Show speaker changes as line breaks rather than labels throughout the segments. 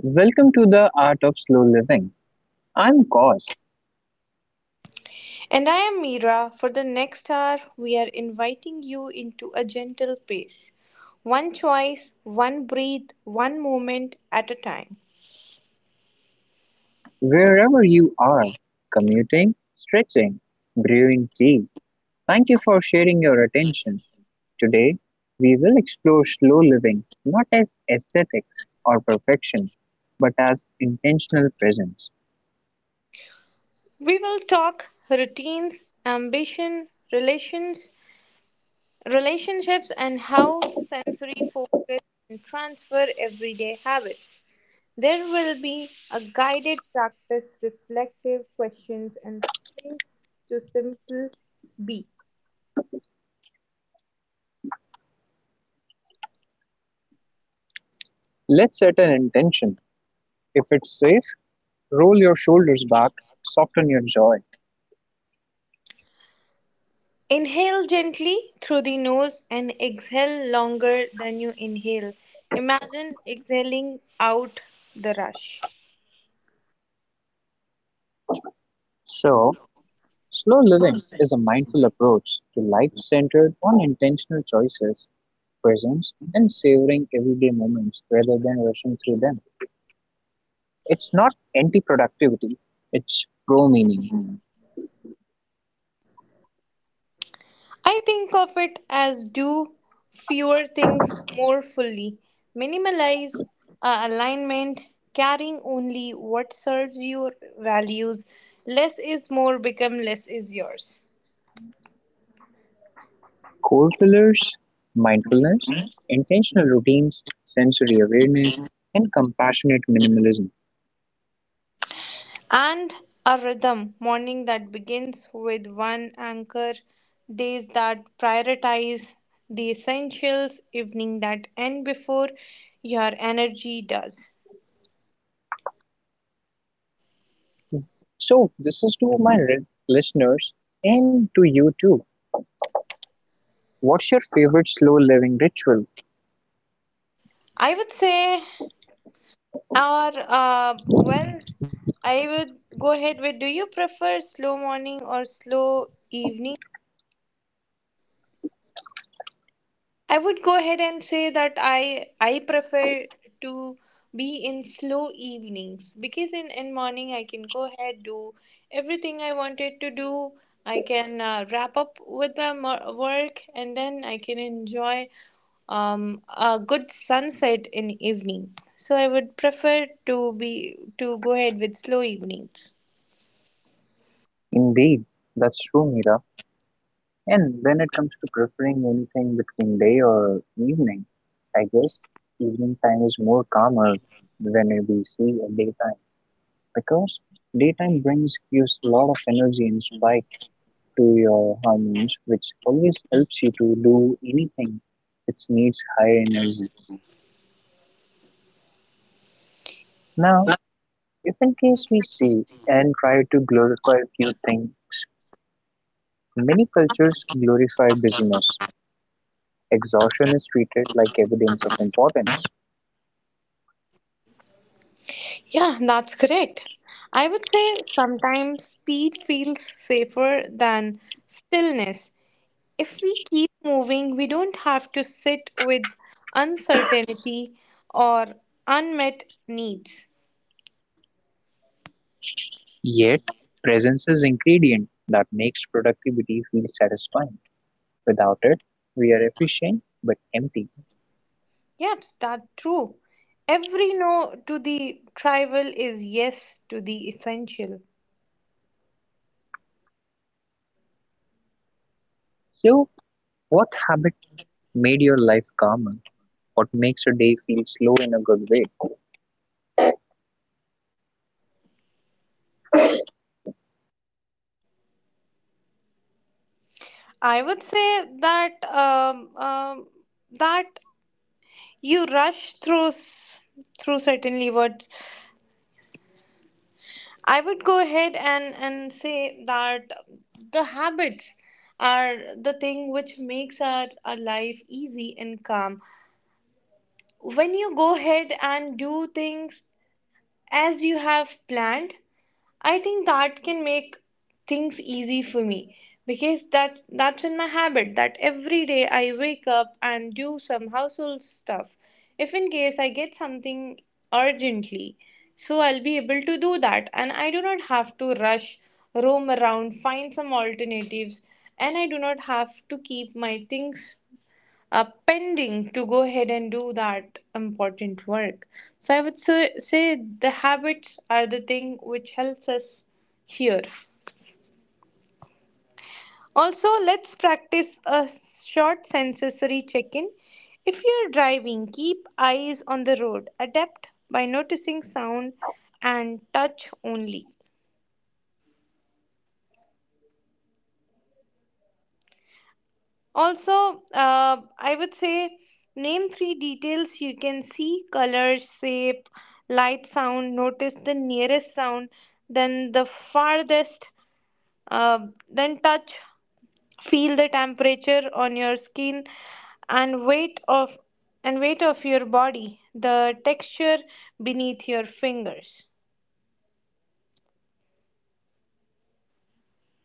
Welcome to the Art of Slow Living. I'm Cos.
And I am Meera. For the next hour, we are inviting you into a gentle pace. One choice, one breath, one moment at a time.
Wherever you are, commuting, stretching, brewing tea, thank you for sharing your attention. Today, we will explore slow living not as aesthetics or perfection, but as intentional presence.
We will talk routines, ambition, relationships, and how sensory focus can transfer everyday habits. There will be a guided practice, reflective questions, and space to simple be.
Let's set an intention. If it's safe, roll your shoulders back, soften your jaw.
Inhale gently through the nose and exhale longer than you inhale. Imagine exhaling out the rush.
So, slow living is a mindful approach to life centered on intentional choices, presence, and savoring everyday moments rather than rushing through them. It's not anti productivity, it's pro meaning.
I think of it as do fewer things more fully. Minimalize alignment, carrying only what serves your values. Less is more, become less is yours.
Core pillars: mindfulness, intentional routines, sensory awareness, and compassionate minimalism.
And a rhythm: morning that begins with one anchor, days that prioritize the essentials, evening that end before your energy does.
So, this is to my listeners and to you too. What's your favorite slow living ritual?
I would say, or well, I would go ahead with, do you prefer slow morning or slow evening? I would go ahead and say that I prefer to be in slow evenings, because in morning I can go ahead, do everything I wanted to do. I can wrap up with my work, and then I can enjoy a good sunset in evening. So I would prefer to be, to go ahead with slow evenings.
Indeed, that's true, Mira. And when it comes to preferring anything between day or evening, I guess evening time is more calmer than we see a daytime, because daytime brings gives a lot of energy and spike to your hormones, which always helps you to do anything which needs high energy. Now, if in case we see and try to glorify a few things, many cultures glorify busyness. Exhaustion is treated like evidence of importance.
Yeah, that's correct. I would say sometimes speed feels safer than stillness. If we keep moving, we don't have to sit with uncertainty or unmet needs.
Yet, presence is ingredient that makes productivity feel satisfying. Without it, we are efficient but empty.
Yep, that's true. Every no to the trivial is yes to the essential.
So, what habit made your life calmer? What makes a day feel slow in a good way?
I would say that that you rush through through certainly words. I would go ahead and say that the habits are the thing which makes our life easy and calm, when you go ahead and do things as you have planned. I think that can make things easy for me, because that's in my habit, that every day I wake up and do some household stuff. If in case I get something urgently, so I'll be able to do that, and I do not have to rush, roam around, find some alternatives, and I do not have to keep my things pending to go ahead and do that important work. So I would say, the habits are the thing which helps us here. Also, let's practice a short sensory check in. If you're driving, keep eyes on the road. Adapt by noticing sound and touch only. Also, I would say, name three details you can see: color, shape, light, sound. Notice the nearest sound, then the farthest, uh, then touch, feel the temperature on your skin, and weight of and weight of your body, the texture beneath your fingers.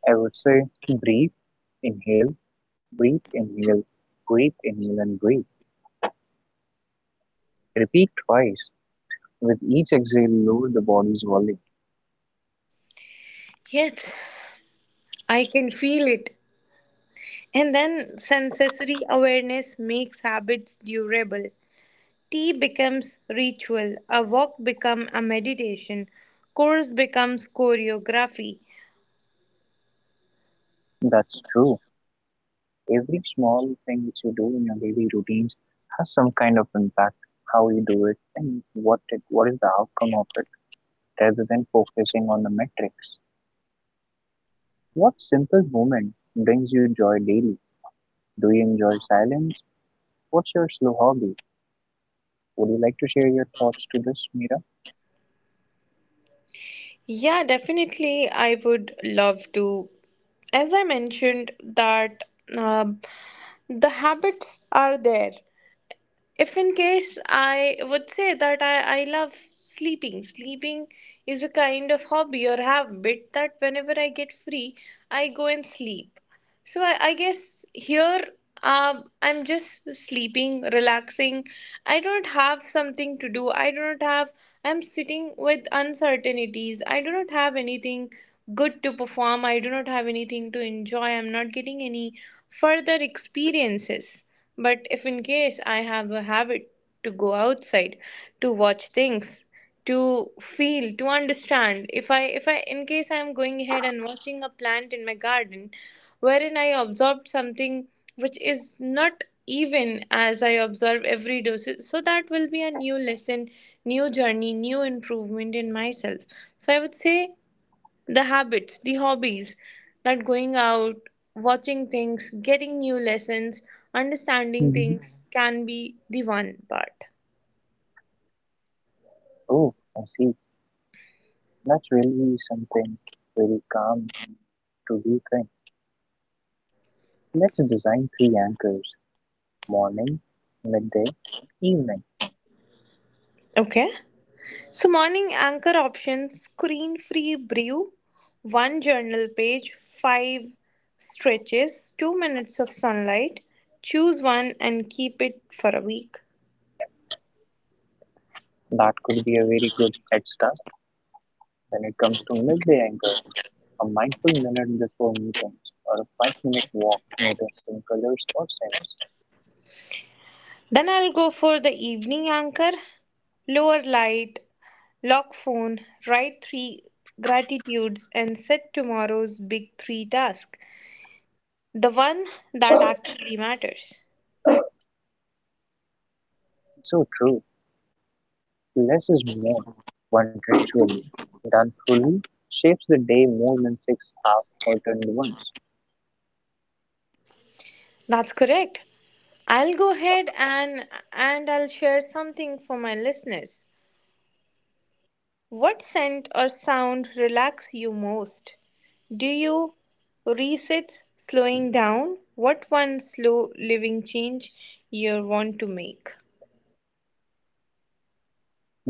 I would say breathe, inhale, breathe, inhale, breathe, inhale, and breathe. Repeat twice. With each exhale, lower the body's volume.
Yes, I can feel it. And then sensory awareness makes habits durable. Tea becomes ritual, a walk becomes a meditation, course becomes choreography.
That's true. Every small thing which you do in your daily routines has some kind of impact, how you do it and what is the outcome of it, rather than focusing on the metrics. What simple moment brings you joy daily? Do you enjoy silence? What's your slow hobby? Would you like to share your thoughts to this, Mira?
Yeah, definitely, I would love to. As I mentioned, that um the habits are there. If in case I would say that I love sleeping. Sleeping is a kind of hobby or habit, that whenever I get free, I go and sleep. So I guess here, I'm just sleeping, relaxing. I don't have something to do, I don't have I'm sitting with uncertainties, I do not have anything good to perform, I do not have anything to enjoy, I'm not getting any further experiences. But if in case I have a habit to go outside, to watch things, to feel, to understand, if I in case I am going ahead and watching a plant in my garden, wherein I observed something which is not even as I observe every day. So, that will be a new lesson, new journey, new improvement in myself. So I would say the habits, the hobbies, that going out, watching things, getting new lessons, understanding
Mhm.
things can be the one part.
Oh, I see. That's really something very calm to rethink. Let's design three anchors: morning, midday, evening.
Okay. So, morning anchor options: screen free brew, one journal page, five stretches, 2 minutes of sunlight. Choose one and keep it for a week.
That could be a very good head start when it comes to midday anchor, a mindful minute before meetings, or a five-minute walk noticing colors or scents.
Then I'll go for the evening anchor: lower light, lock phone, write three gratitudes, and set tomorrow's big three task, the one that actually matters.
It's so true. Less is more. One ritual done fully shapes the day more than six half-hearted ones.
That's correct. I'll go ahead and I'll share something for my listeners. What scent or sound relax you most? Do you reset slowing down? What one slow living change you want to make?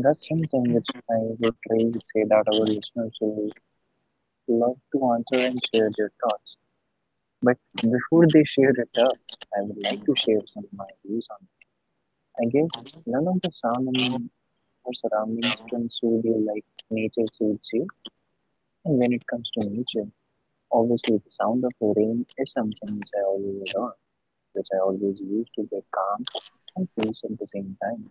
That's something which I would really say that our listeners will love to answer and share their thoughts. But before they share it up, I would like to share some of my views on it. I guess none of the sound in our surroundings can soothe you like nature soothes you. And when it comes to nature, obviously the sound of the rain is something which I always adore, which I always use to get calm and peace at the same time.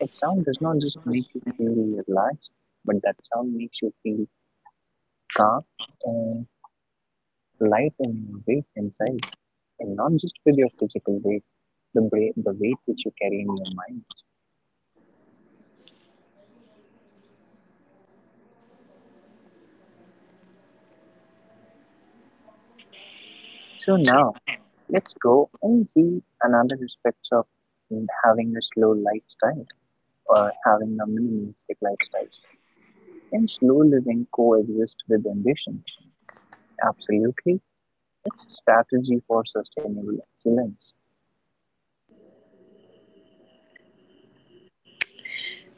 That sound does not just make you feel relaxed, but that sound makes you feel calm and light in your weight inside, and not just with your physical weight, the weight which you carry in your mind. So now, let's go and see another aspects of having a slow lifestyle or having a minimalistic lifestyle. Can slow living coexist with ambition? Absolutely. It's a strategy for sustainable excellence.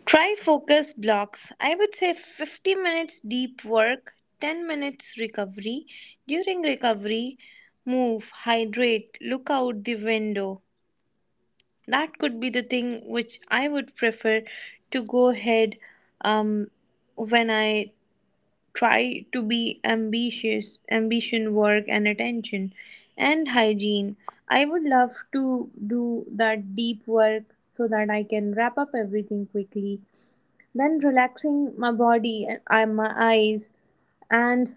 Try focus blocks. I would say 50 minutes deep work, 10 minutes recovery. During recovery, move, hydrate, look out the window. That could be the thing which I would prefer to go ahead, um, when I try to be ambitious, ambition, work, and attention, and hygiene. I would love to do that deep work so that I can wrap up everything quickly. Then relaxing my body and my eyes, and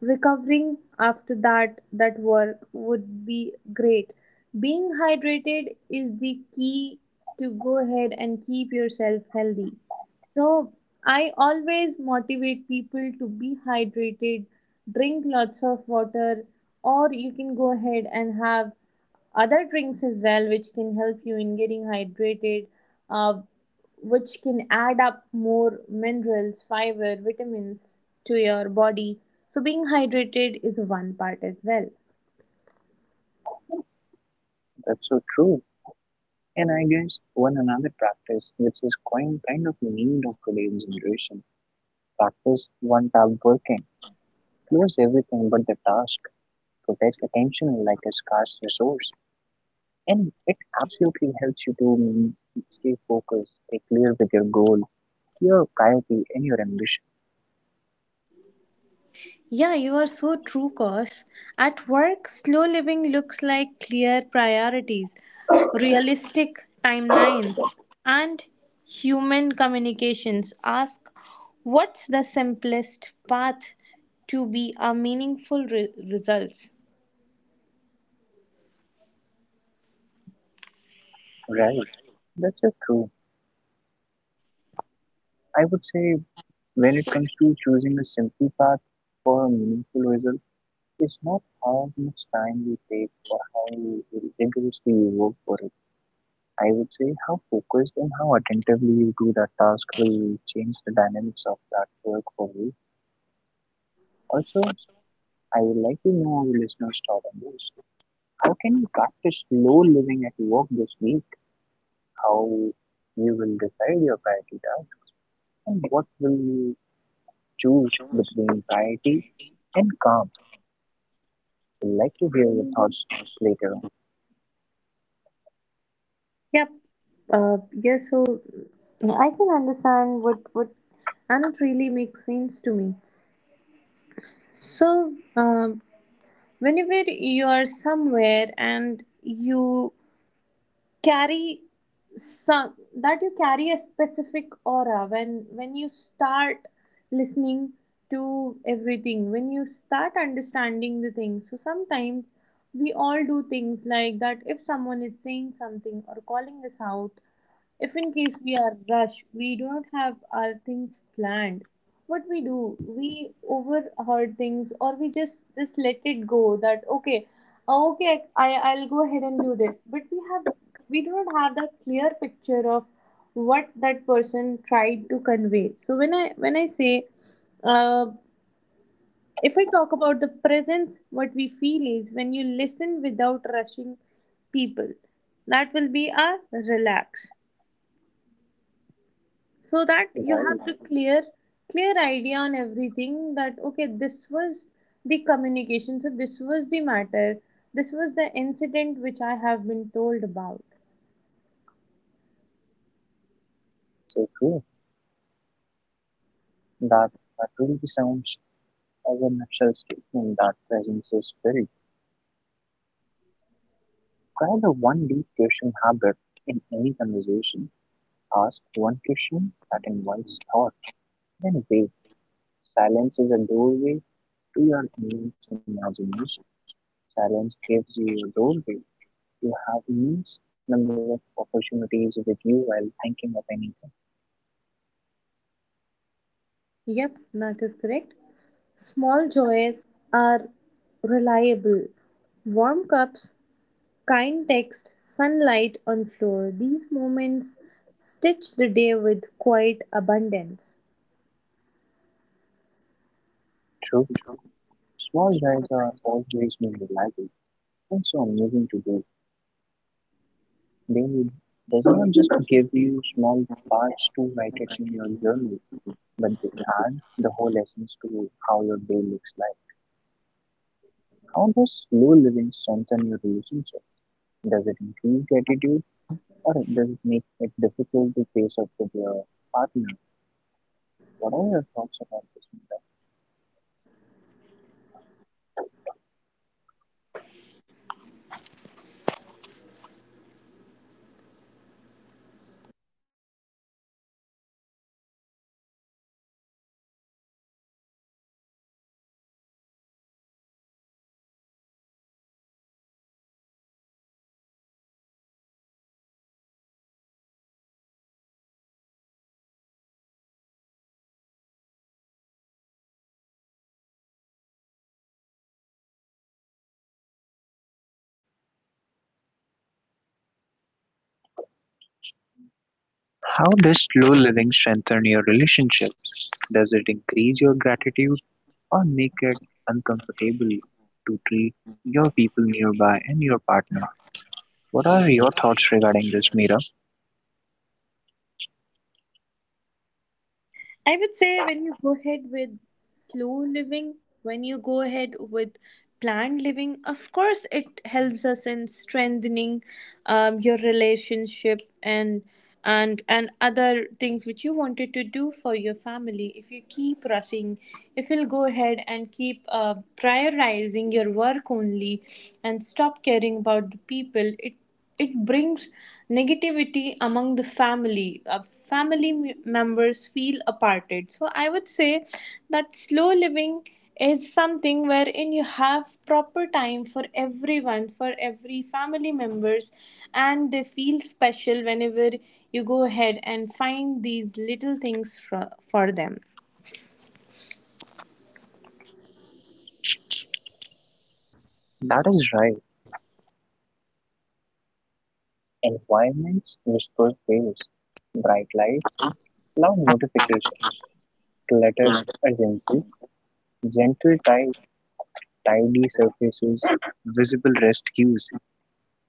recovering after that work would be great. Being hydrated is the key to go ahead and keep yourself healthy. So I always motivate people to be hydrated, drink lots of water, or you can go ahead and have other drinks as well, which can help you in getting hydrated, uh, which can add up more minerals, fiber, vitamins to your body. So being hydrated is one part as well.
That's so true. And I guess one another practice which is quite kind of need of today's generation. Practice one tab working. Close everything but the task. Protects attention like a scarce resource. And it absolutely helps you to stay focused, stay clear with your goal, your priority, and your ambition.
Yeah, you are so true, Kosh. At work, slow living looks like clear priorities, realistic timelines, and human communications. Ask what's the simplest path to be a meaningful results.
Right. That's so true. I would say when it comes to choosing a simple path for a meaningful result, it's not how much time you take or how you rigorously you work for it. I would say how focused and how attentively you do that task will change the dynamics of that work for you. Also, I would like to know our listeners' thought on this. How can you practice slow living at work this week? How you will decide your priority tasks, and what will you choose between priority and calm? I'd like to hear your thoughts later on.
Yep. Yeah, so I can understand what, and it really makes sense to me. So, whenever you are somewhere, and you carry some, that you carry a specific aura, when you start listening to everything, when you start understanding the things. So sometimes we all do things like that. If someone is saying something or calling us out, if in case we are rushed, we do not have our things planned. What we do, we overheard things, or we just let it go, that okay, okay, I I'll go ahead and do this. But we do not have that clear picture of what that person tried to convey. So when I say, uh, if I talk about the presence, what we feel is, when you listen without rushing people, that will be a relax, so that you
Right,
have the clear idea on everything, that okay, this was the communication, so this was the matter, this was the incident which I have been told about.
so true. That that really sounds as a natural statement that presence is spirit. Try the one deep question habit in any conversation. Ask one question that invites thought, then wait. Silence is a doorway to your immense imagination. Silence gives you a doorway. You have immense number of opportunities with you while thinking of anything.
Yep, that is correct. Small joys are reliable. Warm cups, kind text, sunlight on floor, these moments stitch the day with quiet abundance.
True, small guys are always more reliable and so amazing to do. They does not just give you small parts to write it in your journal, but they add the whole essence to how your day looks like. How does slow living strengthen your relationship? Does it increase gratitude, or does it make it difficult to face up with your partner? What are your thoughts about this, Meera? How does slow living strengthen your relationships? Does it increase your gratitude or make it uncomfortable to treat your people nearby and your partner? What are your thoughts regarding this, Mira?
I would say, when you go ahead with slow living, when you go ahead with planned living, of course, it helps us in strengthening your relationship and other things which you wanted to do for your family. If you keep rushing, if you'll go ahead and keep prioritizing your work only, and stop caring about the people, it brings negativity among the family. Family members feel aparted. So I would say that slow living is something wherein you have proper time for everyone, for every family members, and they feel special whenever you go ahead and find these little things for them.
That is right. Environments, whispered waves, bright lights, loud notifications, cluttered urgency, gentle tide, tidy surfaces. Visible rest cues,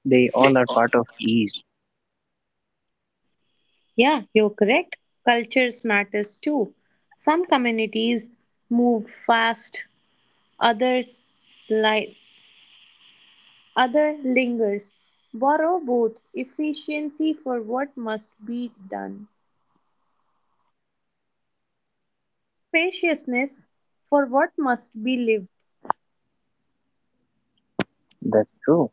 they all are part of ease.
Yeah, you're correct. Cultures matters too. Some communities move fast, others light. Other lingers, borrow both efficiency for what must be done, spaciousness for what must be lived.
That's true.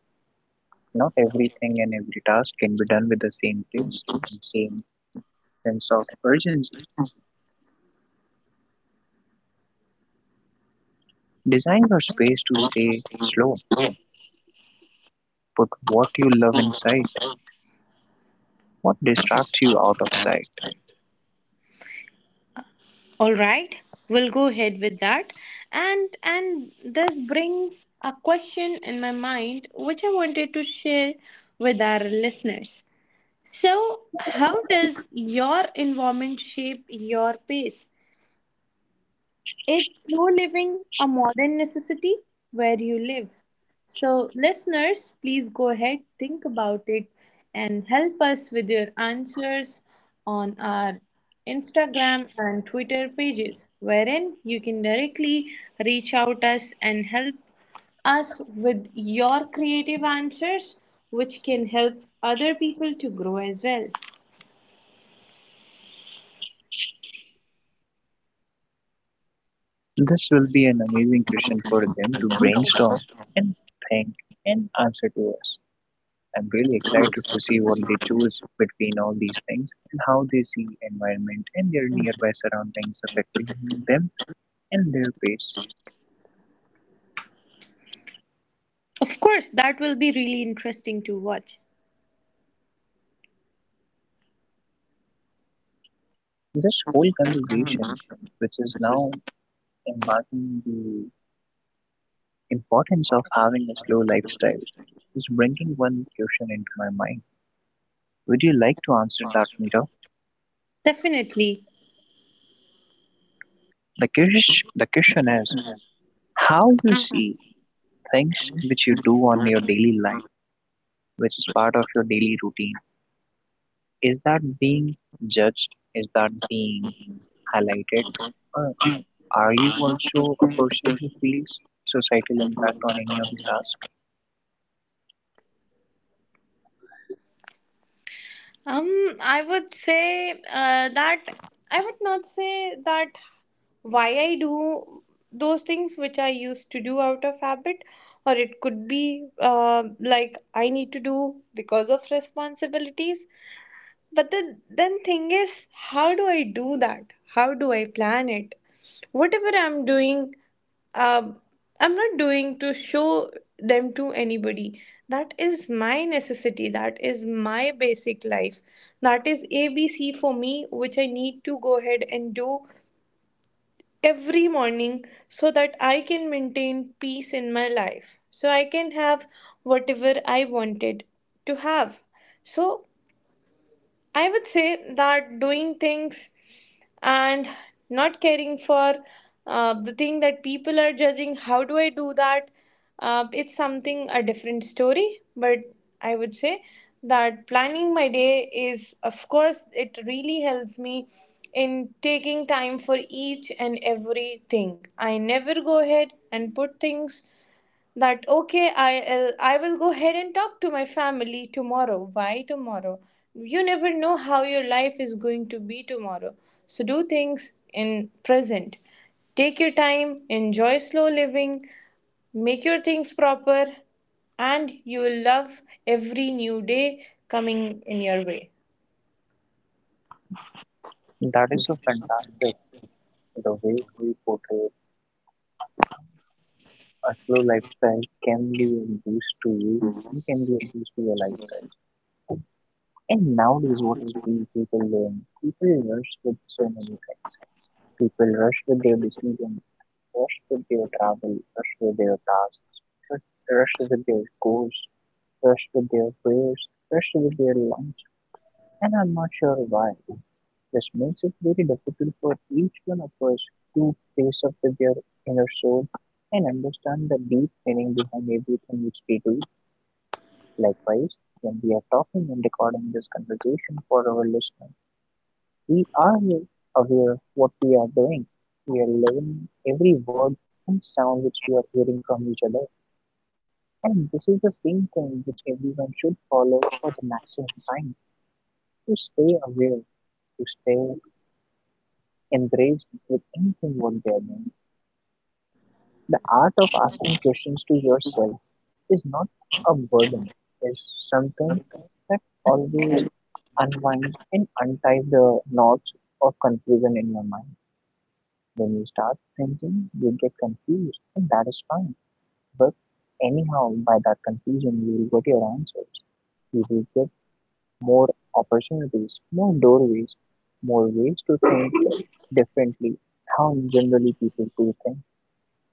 Not everything and every task can be done with the same pace and same sense of urgency. Design your space to stay slow. Put what you love in sight, what distracts you out of sight.
All right, we'll go ahead with that. And this brings a question in my mind which I wanted to share with our listeners. So, how does your environment shape your pace? It's slow living a modern necessity where you live? So, listeners, please go ahead, think about it, and help us with your answers on our Instagram and Twitter pages, wherein you can directly reach out us and help us with your creative answers, which can help other people to grow as well.
This will be an amazing question for them to brainstorm and think and answer to us. I'm really excited to see what they choose between all these things and how they see environment and their nearby surroundings affecting them and their pace.
Of course, that will be really interesting to watch.
This whole conversation, which is now embarking the importance of having a slow lifestyle, is bringing one question into my mind. Would you like to answer that, Mira?
Definitely.
The question is, how you see things which you do on your daily life, which is part of your daily routine. Is that being judged? Is that being highlighted? Or are you also a person who feels societal impact on any of the tasks?
I would say that, I would not say that why I do those things which I used to do out of habit, or it could be like I need to do because of responsibilities. But the then thing is, how do I do that? How do I plan it? Whatever I'm doing, uh, I'm not doing to show them to anybody. That is my necessity. That is my basic life. That is ABC for me, which I need to go ahead and do every morning so that I can maintain peace in my life. So I can have whatever I wanted to have. So I would say that doing things and not caring for the thing that people are judging, how do I do that? It's something a different story, but I would say that planning my day is, of course, it really helps me in taking time for each and everything. I never go ahead and put things that okay, I will go ahead and talk to my family tomorrow. Why tomorrow? You never know how your life is going to be tomorrow. So do things in present, take your time, enjoy slow living, make your things proper, and you will love every new day coming in your way.
That is so fantastic. The way we portray a slow lifestyle can be a boost to you. You can be a boost to your lifestyle. And nowadays, what I see people doing, people rush with so many things. People rush with their decisions, rush with their travel, rush with their tasks, rush rush with their goals, rush with their prayers, rush with their lunch. And I'm not sure why. This makes it very difficult for each one of us to face up with their inner soul and understand the deep meaning behind everything which we do. Likewise, when we are talking and recording this conversation for our listeners, we are aware of what we are doing. We are living every word and sound which we are hearing from each other. And this is the same thing which everyone should follow for the maximum time to stay aware, to stay embraced with anything what they are doing. The art of asking questions to yourself is not a burden, it's something that always unwind and untie the knots of confusion in your mind. When you start thinking, you get confused, and that is fine. But anyhow, by that confusion, you will get your answers. You will get more opportunities, more doorways, more ways to think differently, how generally people do think.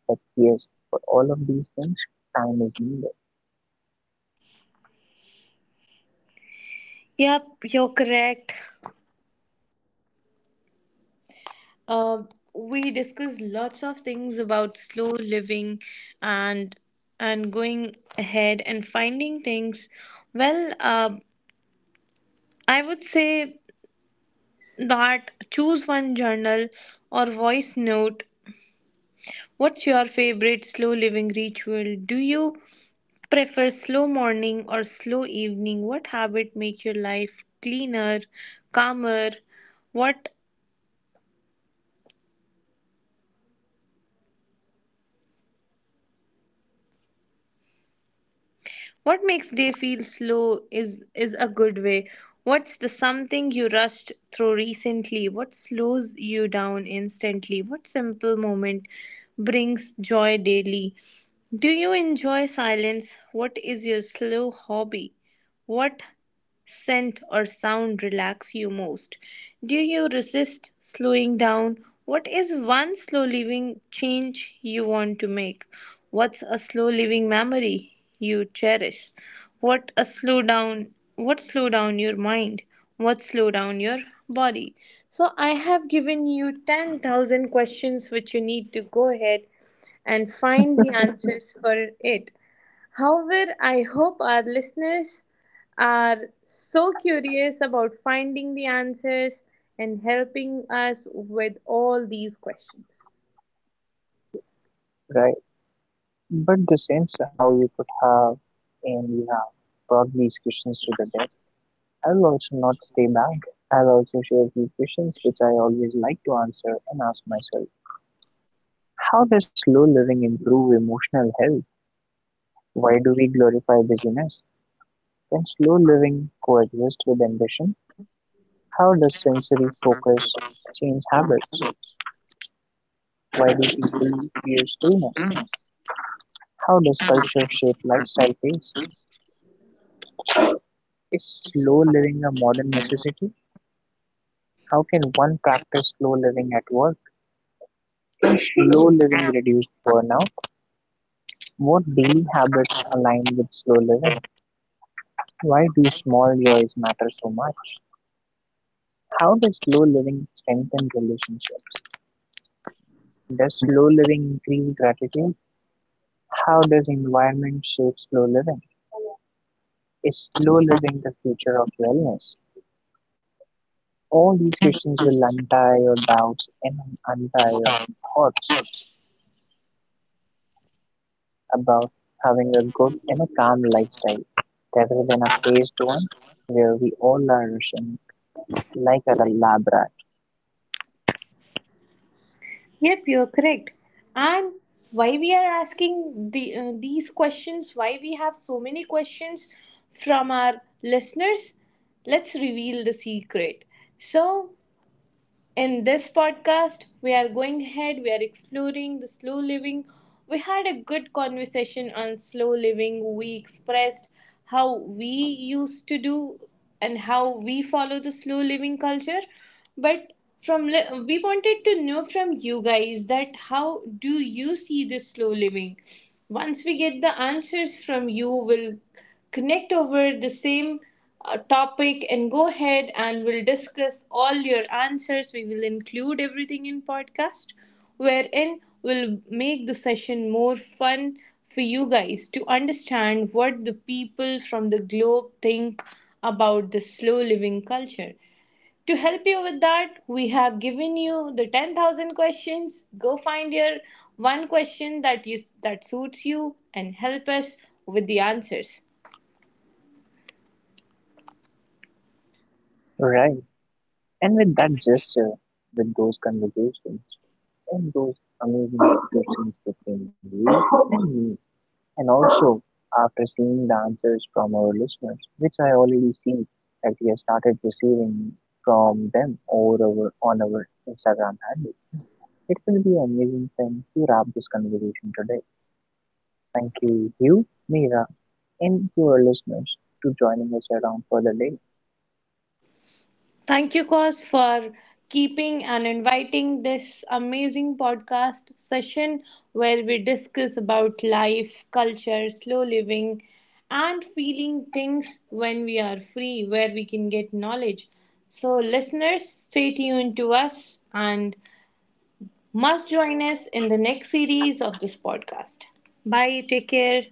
But yes, for all of these things, time is needed,
Yep, you're correct. Uh, we discussed lots of things about slow living, and and going ahead and finding things. Well, I would say that, choose one journal or voice note. What's your favorite slow living ritual? Do you prefer slow morning or slow evening? What habit make your life cleaner, calmer? What What makes day feel slow is a good way. What's the something you rushed through recently? What slows you down instantly? What simple moment brings joy daily? Do you enjoy silence? What is your slow hobby? What scent or sound relax you most? Do you resist slowing down? What is one slow living change you want to make? What's a slow living memory you cherish? What a slow down, what slow down your mind? What slow down your body? So I have given you 10,000 questions which you need to go ahead and find the answers for it. However, I hope our listeners are so curious about finding the answers and helping us with all these questions.
right? But the sense of how you could have, and you have brought these questions to the desk, I'll also not stay back. I'll also share a few questions which I always like to answer and ask myself. How does slow living improve emotional health? Why do we glorify busyness? Can slow living coexist with ambition? How does sensory focus change habits? Why do people fear stillness? How does culture shape lifestyle pace? Is slow living a modern necessity? How can one practice slow living at work? Slow living reduces burnout. What daily habits align with slow living? Why do small joys matter so much? How does slow living strengthen relationships? Does slow living increase gratitude? How does environment shape slow living? Is slow living the future of wellness? All these questions will untie your doubts and untie your thoughts about having a good and a calm lifestyle rather than a paced one where we all are rushing like a lab rat.
Yep, you're correct. And why we are asking these questions, why we have so many questions from our listeners, let's reveal the secret. So, in this podcast, we are going ahead, we are exploring the slow living. We had a good conversation on slow living. We expressed how we used to do and how we follow the slow living culture. But we wanted to know from you guys that how do you see this slow living? Once we get the answers from you, we'll connect over the same topic, and go ahead, and we'll discuss all your answers. We will include everything in podcast, wherein we'll make the session more fun for you guys to understand what the people from the globe think about the slow living culture. To help you with that, we have given you the 10,000 questions. Go find your one question that suits you, and help us with the answers.
Right. And with that gesture, with those conversations, and those amazing discussions between you and me, and also after seeing the answers from our listeners, which I already see that we have started receiving from them over our, on our Instagram handle, it will be an amazing thing to wrap this conversation today. Thank you, Mira, and your listeners to joining us around for the day.
Thank you, Cos, for keeping and inviting this amazing podcast session, where we discuss about life, culture, slow living, and feeling things when we are free, where we can get knowledge. So, listeners, stay tuned to us, and must join us in the next series of this podcast. Bye, take care.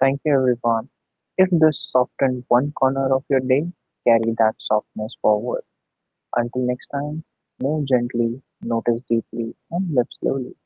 Thank you everyone. If this softened one corner of your day, carry that softness forward. Until next time, move gently, notice deeply, and live slowly.